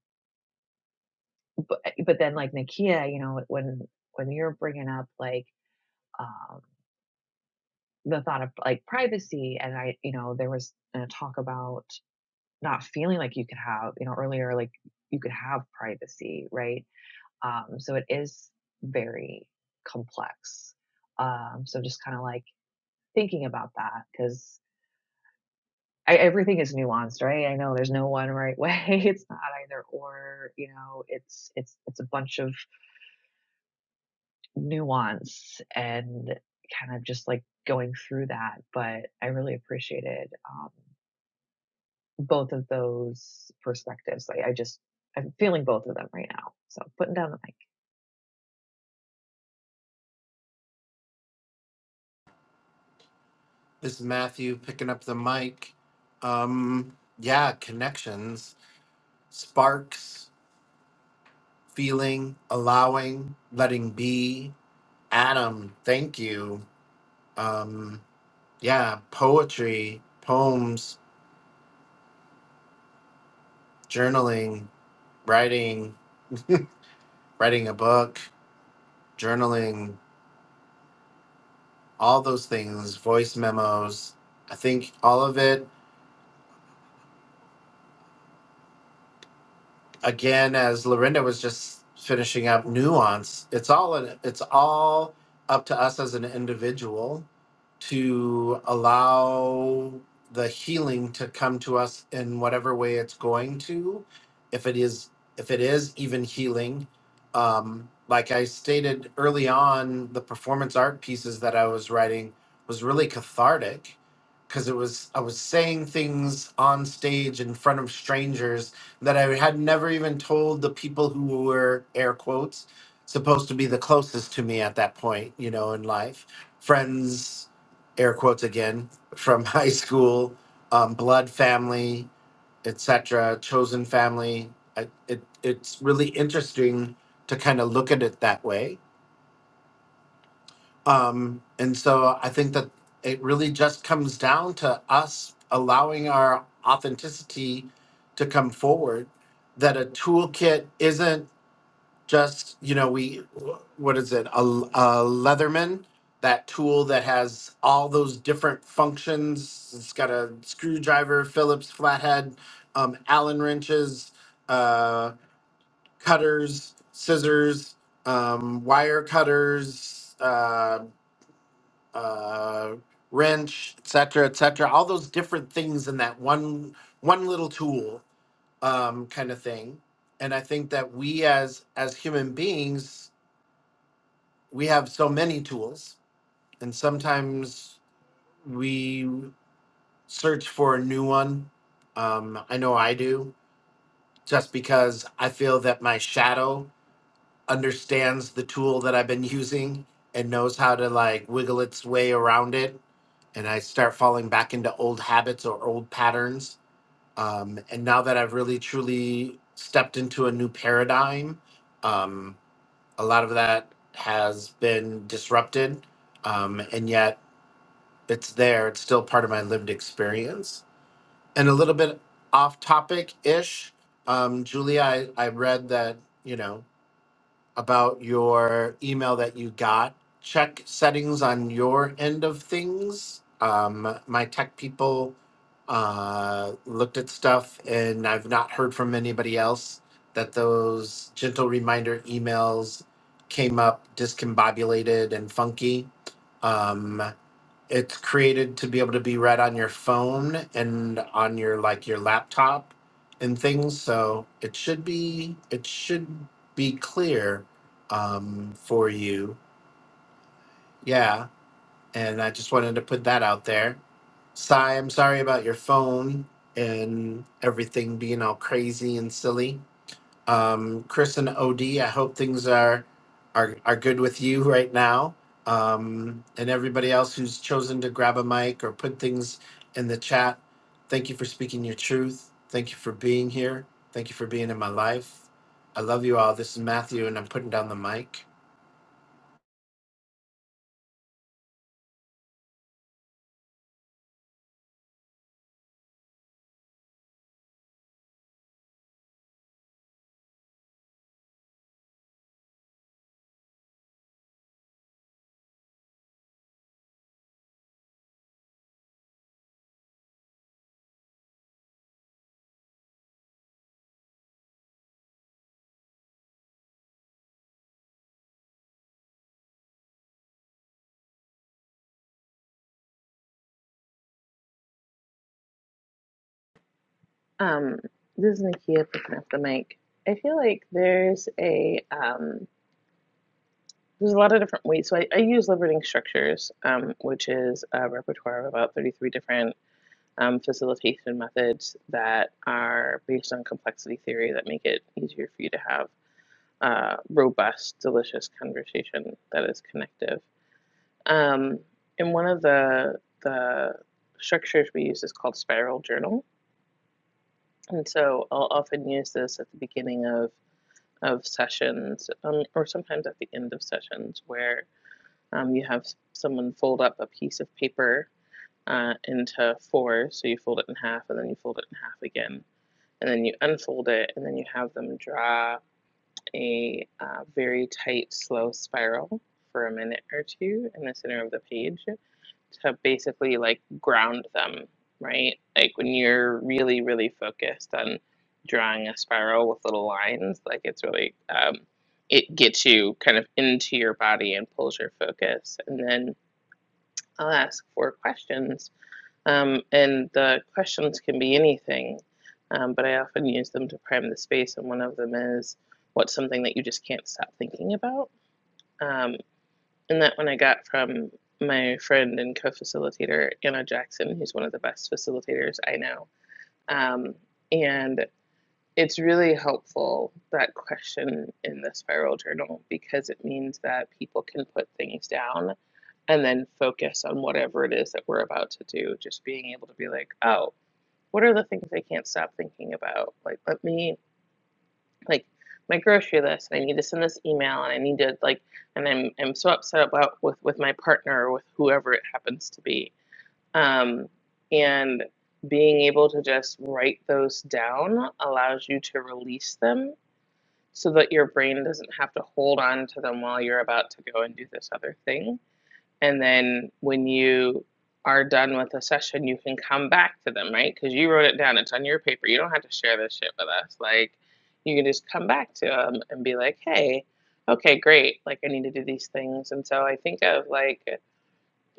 [SPEAKER 3] but eh, but then like Nakia you know when when you're bringing up like um the thought of like privacy and I you know there was a talk about not feeling like you could have you know earlier like you could have privacy right um so it is very complex um so just kind of like thinking about that because I, everything is nuanced, right? I know there's no one right way. It's not either or, you know, it's it's it's a bunch of nuance and kind of just like going through that. But I really appreciated um, both of those perspectives. Like I just I'm feeling both of them right now. So putting down the mic.
[SPEAKER 1] This is Matthew picking up the mic. Um, yeah, connections, sparks, feeling, allowing, letting be. Adam, thank you. Um, yeah, poetry, poems, journaling, writing, writing a book, journaling, all those things, voice memos. I think all of it again, as Lorinda was just finishing up nuance, it's all in, it's all up to us as an individual to allow the healing to come to us in whatever way it's going to, if it is if it is even healing. Um, like I stated early on, the performance art pieces that I was writing was really cathartic because it was I was saying things on stage in front of strangers that I had never even told the people who were air quotes supposed to be the closest to me at that point, you know, in life. Friends, air quotes again, from high school, um, blood family, etc., chosen family. I, it it's really interesting to kind of look at it that way um, and so I think that it really just comes down to us allowing our authenticity to come forward. That a toolkit isn't just, you know, we, what is it, a, a Leatherman, that tool that has all those different functions. It's got a screwdriver, Phillips flathead, um, Allen wrenches, uh, cutters, scissors, um, wire cutters. uh, uh, wrench, et cetera, et cetera. All those different things in that one one little tool um, kind of thing. And I think that we as as human beings, we have so many tools, and sometimes we search for a new one. Um, I know I do, just because I feel that my shadow understands the tool that I've been using and knows how to like wiggle its way around it. And I start falling back into old habits or old patterns. Um, and now that I've really truly stepped into a new paradigm, um, a lot of that has been disrupted. Um, and yet it's there, it's still part of my lived experience. And a little bit off topic ish, um, Julia, I, I read that, you know, about your email that you got. Check settings on your end of things. Um, my tech people uh, looked at stuff, and I've not heard from anybody else that those gentle reminder emails came up discombobulated and funky. Um, it's created to be able to be read on your phone and on your like your laptop and things so it should be it should be clear um, for you yeah and i just wanted to put that out there Sai, i'm sorry about your phone and everything being all crazy and silly um, Chris and OD, I hope things are are are good with you right now. Um, and everybody else who's chosen to grab a mic or put things in the chat, thank you for speaking your truth. Thank you for being here. Thank you for being in my life. I love you all. This is Matthew, and I'm putting down the mic.
[SPEAKER 2] Um, this is Nakia putting up the mic. I feel like there's a um, there's a lot of different ways. So I, I use liberating structures, um, which is a repertoire of about 33 different um, facilitation methods that are based on complexity theory that make it easier for you to have a robust, delicious conversation that is connective. Um, and one of the the structures we use is called spiral journal, and so I'll often use this at the beginning of of sessions, um, or sometimes at the end of sessions, where um, you have someone fold up a piece of paper uh, into four. So you fold it in half, and then you fold it in half again, and then you unfold it, and then you have them draw a uh, very tight, slow spiral for a minute or two in the center of the page to basically like ground them, right? Like when you're really, really focused on drawing a spiral with little lines, like it's really, um, it gets you kind of into your body and pulls your focus. And then I'll ask four questions. Um, and the questions can be anything, um, but I often use them to prime the space. And one of them is, what's something that you just can't stop thinking about? Um, and that one I got from my friend and co facilitator, Anna Jackson, who's one of the best facilitators I know. Um, and it's really helpful, that question in the spiral journal, because it means that people can put things down and then focus on whatever it is that we're about to do. Just being able to be like, oh, what are the things I can't stop thinking about? Like, let me like my grocery list and I need to send this email and I need to like and I'm I'm so upset about with with my partner or with whoever it happens to be. Um, and being able to just write those down allows you to release them so that your brain doesn't have to hold on to them while you're about to go and do this other thing. And then when you are done with a session, you can come back to them, right? Because you wrote it down. It's on your paper. You don't have to share this shit with us. Like, you can just come back to them and be like, hey, okay, great. Like, I need to do these things. And so I think of like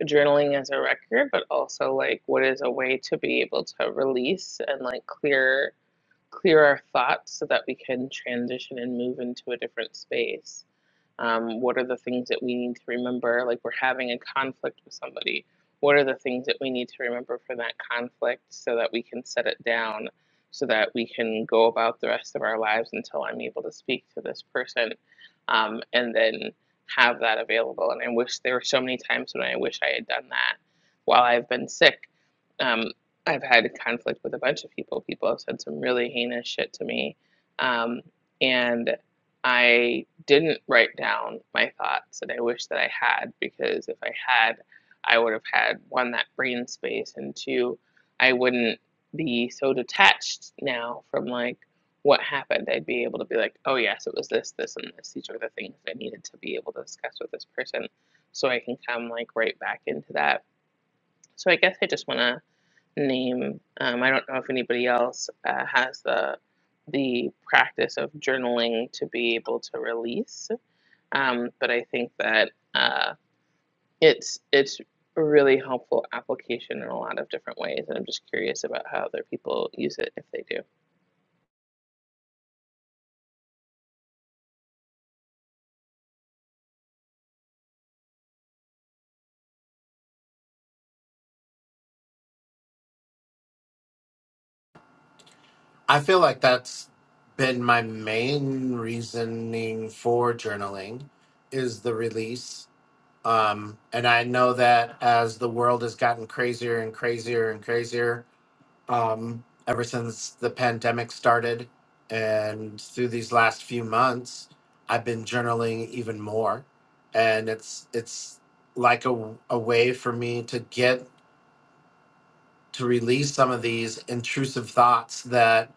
[SPEAKER 2] journaling as a record, but also like what is a way to be able to release and like clear clear our thoughts so that we can transition and move into a different space um, what are the things that we need to remember? Like we're having a conflict with somebody. What are the things that we need to remember for that conflict so that we can set it down, so that we can go about the rest of our lives until I'm able to speak to this person, um, and then have that available. And I wish there were so many times when I wish I had done that while I've been sick. Um, I've had a conflict with a bunch of people. People have said some really heinous shit to me. Um, and I didn't write down my thoughts and I wish that I had because if I had, I would have had one, that brain space, and two, I wouldn't be so detached now from like what happened. I'd be able to be like, oh, yes, it was this, this, and this. These are the things that I needed to be able to discuss with this person so I can come like right back into that. So I guess I just want to name. Um, I don't know if anybody else uh, has the the practice of journaling to be able to release, um, but I think that uh, it's it's a really helpful application in a lot of different ways, and I'm just curious about how other people use it if they do.
[SPEAKER 1] I feel like that's been my main reasoning for journaling is the release Um, and I know that as the world has gotten crazier and crazier and crazier, um, ever since the pandemic started and through these last few months, I've been journaling even more. And it's it's like a, a way for me to get to release some of these intrusive thoughts that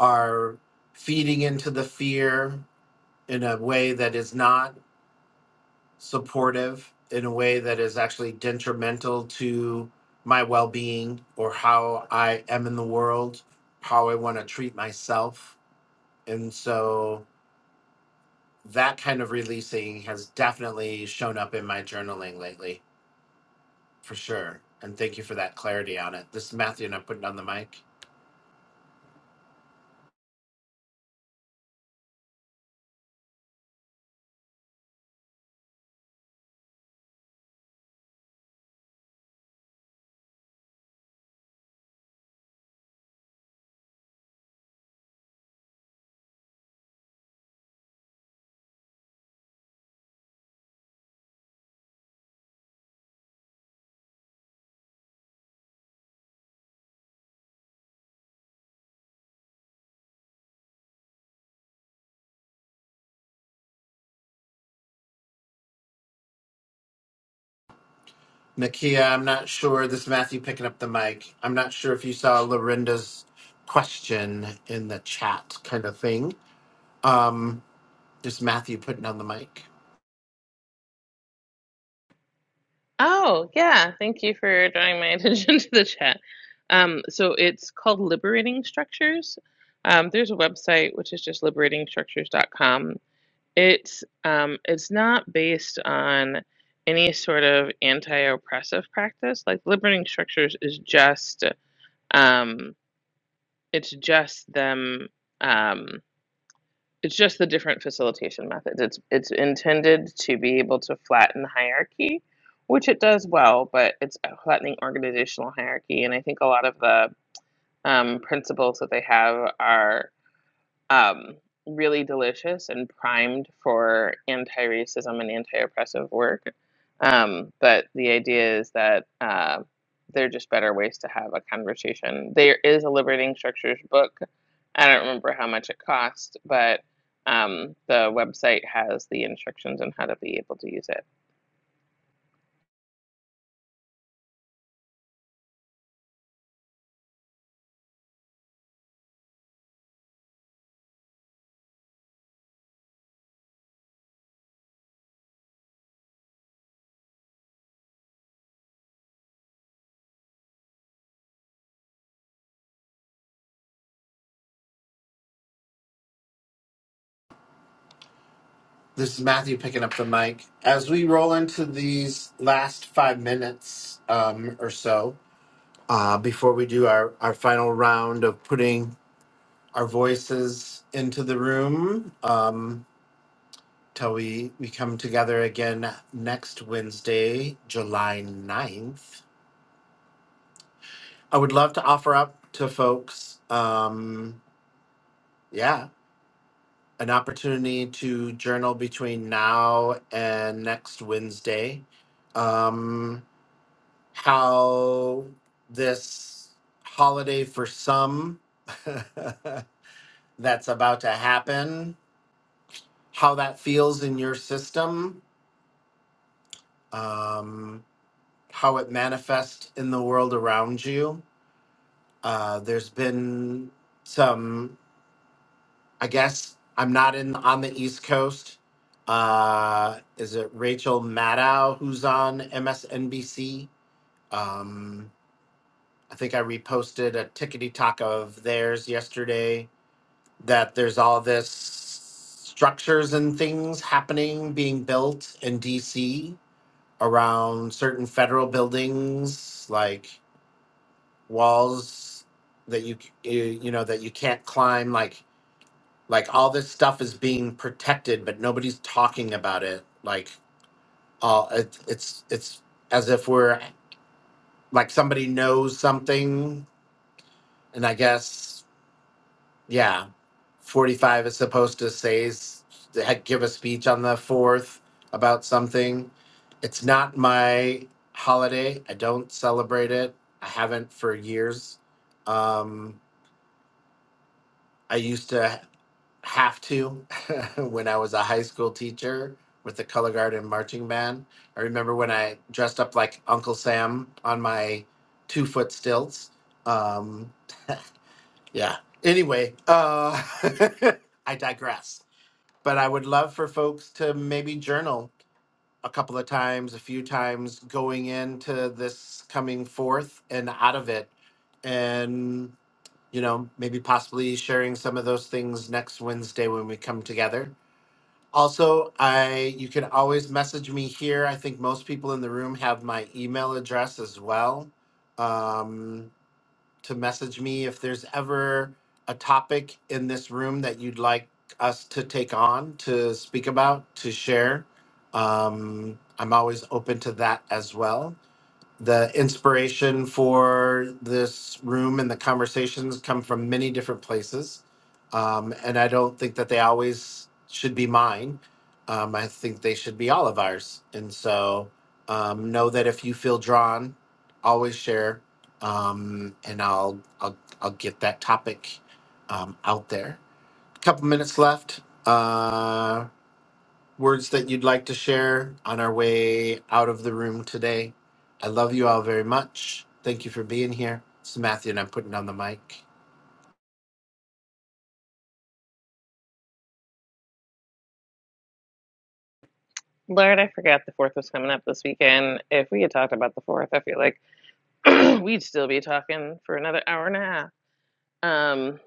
[SPEAKER 1] are feeding into the fear in a way that is not supportive in a way that is actually detrimental to my well being or how I am in the world, how I want to treat myself. And so that kind of releasing has definitely shown up in my journaling lately, for sure. And thank you for that clarity on it. This is Matthew, and I'm putting on the mic. Nakia, I'm not sure. This is Matthew picking up the mic. I'm not sure if you saw Lorinda's question in the chat kind of thing. Um, This is Matthew putting down the mic.
[SPEAKER 2] Oh yeah, thank you for drawing my attention to the chat. Um, so it's called Liberating Structures. Um, there's a website which is just liberatingstructures.com It's um, it's not based on any sort of anti-oppressive practice. Like limiting structures is just um, it's just them um, it's just the different facilitation methods. It's it's intended to be able to flatten hierarchy, which it does well, but it's flattening organizational hierarchy. And I think a lot of the um, principles that they have are um, really delicious and primed for anti-racism and anti-oppressive work. Um, but the idea is that uh, there are just better ways to have a conversation. There is a Liberating Structures book. I don't remember how much it cost, but um, the website has the instructions on how to be able to use it.
[SPEAKER 1] This is Matthew picking up the mic. As we roll into these last five minutes um, or so, uh, before we do our, our final round of putting our voices into the room, um, till we, we come together again next Wednesday, July ninth. I would love to offer up to folks, um, yeah, an opportunity to journal between now and next Wednesday. Um, how this holiday for some that's about to happen, how that feels in your system, um, how it manifests in the world around you. Uh, there's been some I guess I'm not in on the East Coast. Uh, is it Rachel Maddow who's on MSNBC? Um, I think I reposted a tickety talk of theirs yesterday that there's all this structures and things happening being built in DC around certain federal buildings like walls that you c- you you know that you can't climb like like all this stuff is being protected but nobody's talking about it like all, it, it's it's as if we're like somebody knows something and i guess yeah 45 is supposed to say s- to give a speech on the 4th about something it's not my holiday i don't celebrate it i haven't for years um i used to have to when I was a high school teacher with the color guard and marching band. I remember when I dressed up like Uncle Sam on my two foot stilts. Um, yeah. Anyway, uh, I digress. But I would love for folks to maybe journal a couple of times, a few times going into this coming forth and out of it. And, you know, maybe possibly sharing some of those things next Wednesday when we come together also, I you can always message me here. I think most people in the room have my email address as well um, to message me if there's ever a topic in this room that you'd like us to take on, to speak about, to share. Um, I'm always open to that as well the inspiration for this room and the conversations come from many different places. Um, and I don't think that they always should be mine. Um, I think they should be all of ours. And so um, know that if you feel drawn, always share. Um, and I'll, I'll, I'll get that topic um, out there. couple minutes left. Uh, words that you'd like to share on our way out of the room today? I love you all very much. Thank you for being here. This is Matthew, and I'm putting down the mic.
[SPEAKER 2] Lord, I forgot the fourth was coming up this weekend. If we had talked about the fourth, I feel like we'd still be talking for another hour and a half. Um,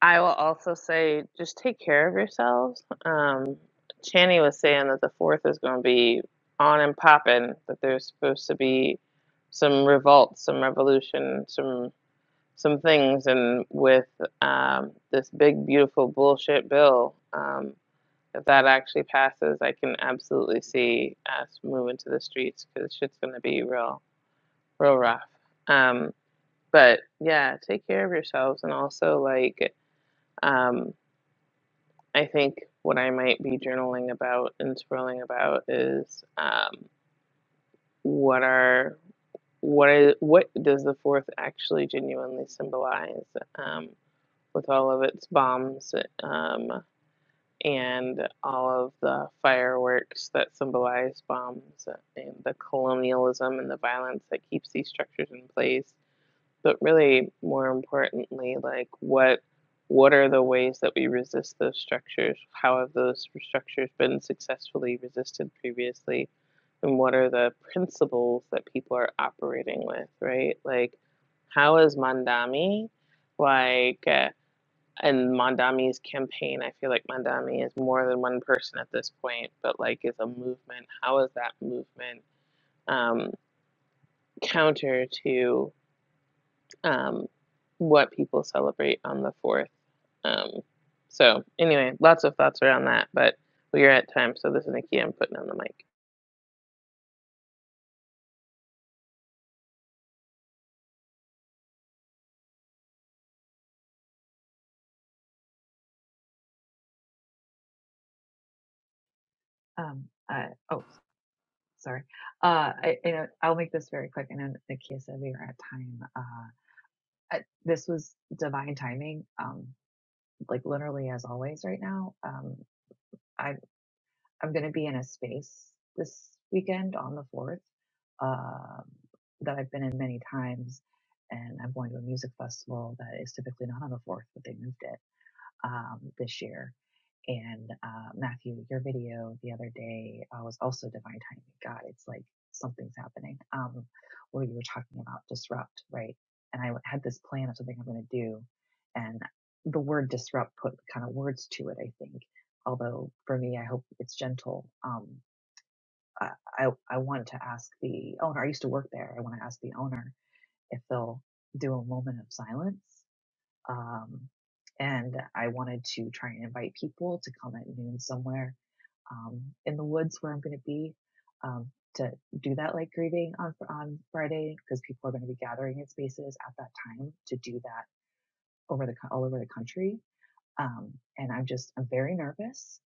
[SPEAKER 2] I will also say just take care of yourselves. Um, Channy was saying that the fourth is going to be on and popping, that there's supposed to be some revolt, some revolution, some some things, and with um, this big beautiful bullshit bill, um, if that actually passes, I can absolutely see us moving to the streets because shit's going to be real, real rough. Um, but yeah, take care of yourselves and also like. Um, I think what I might be journaling about and scrolling about is um, what are what is what does the fourth actually genuinely symbolize um, with all of its bombs um, and all of the fireworks that symbolize bombs and the colonialism and the violence that keeps these structures in place but really, more importantly, like what what are the ways that we resist those structures? How have those structures been successfully resisted previously? And what are the principles that people are operating with, right? Like, how is Mandami like uh, and Mandami's campaign? I feel like Mandami is more than one person at this point, but like is a movement. How is that movement um, counter to? um, what people celebrate on the 4th. Um, so, anyway, lots of thoughts around that, but we are at time, so this is Nikki. I'm putting on the mic.
[SPEAKER 3] Um. Uh. Oh, sorry. Uh. I, you know, I'll make this very quick. And then the said that we are at time, uh, I, this was divine timing. Um like literally as always right now. Um, I'm I'm going to be in a space this weekend on the fourth um, that I've been in many times, and I'm going to a music festival that is typically not on the fourth, but they moved it um, this year and uh, Matthew, your video the other day uh, was also divine timing. God, it's like something's happening. Um, where you were talking about disrupt, right? And I had this plan of something I'm going to do, and the word disrupt put kind of words to it. I think, although for me, I hope it's gentle. Um, I I, I wanted to ask the owner. I used to work there. I want to ask the owner if they'll do a moment of silence um, and I wanted to try and invite people to come at noon somewhere um, in the woods where I'm going to be um, to do that light grieving on on Friday because people are going to be gathering in spaces at that time to do that over the all over the country. Um, and I'm just I'm very nervous,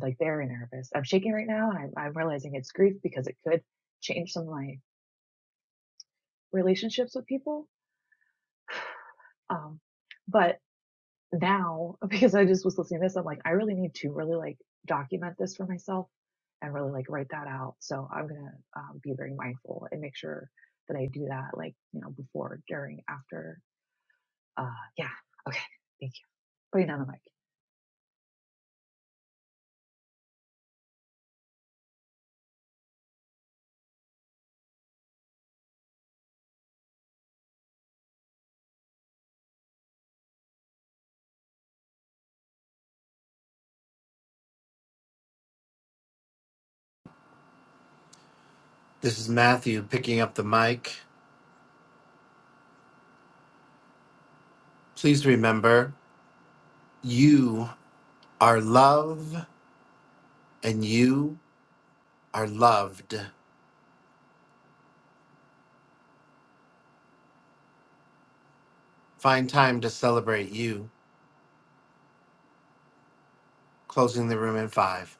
[SPEAKER 3] like very nervous. I'm shaking right now, and I'm, I'm realizing it's grief because it could change some of my relationships with people. Um, but now because I just was listening to this, I'm like, I really need to really like document this for myself and really like write that out. So I'm gonna um, be very mindful and make sure that I do that, like you know, before, during, after. Uh, yeah. Okay. Thank you. Putting down the mic.
[SPEAKER 1] This is Matthew picking up the mic. Please remember you are love and you are loved. Find time to celebrate you. Closing the room in five.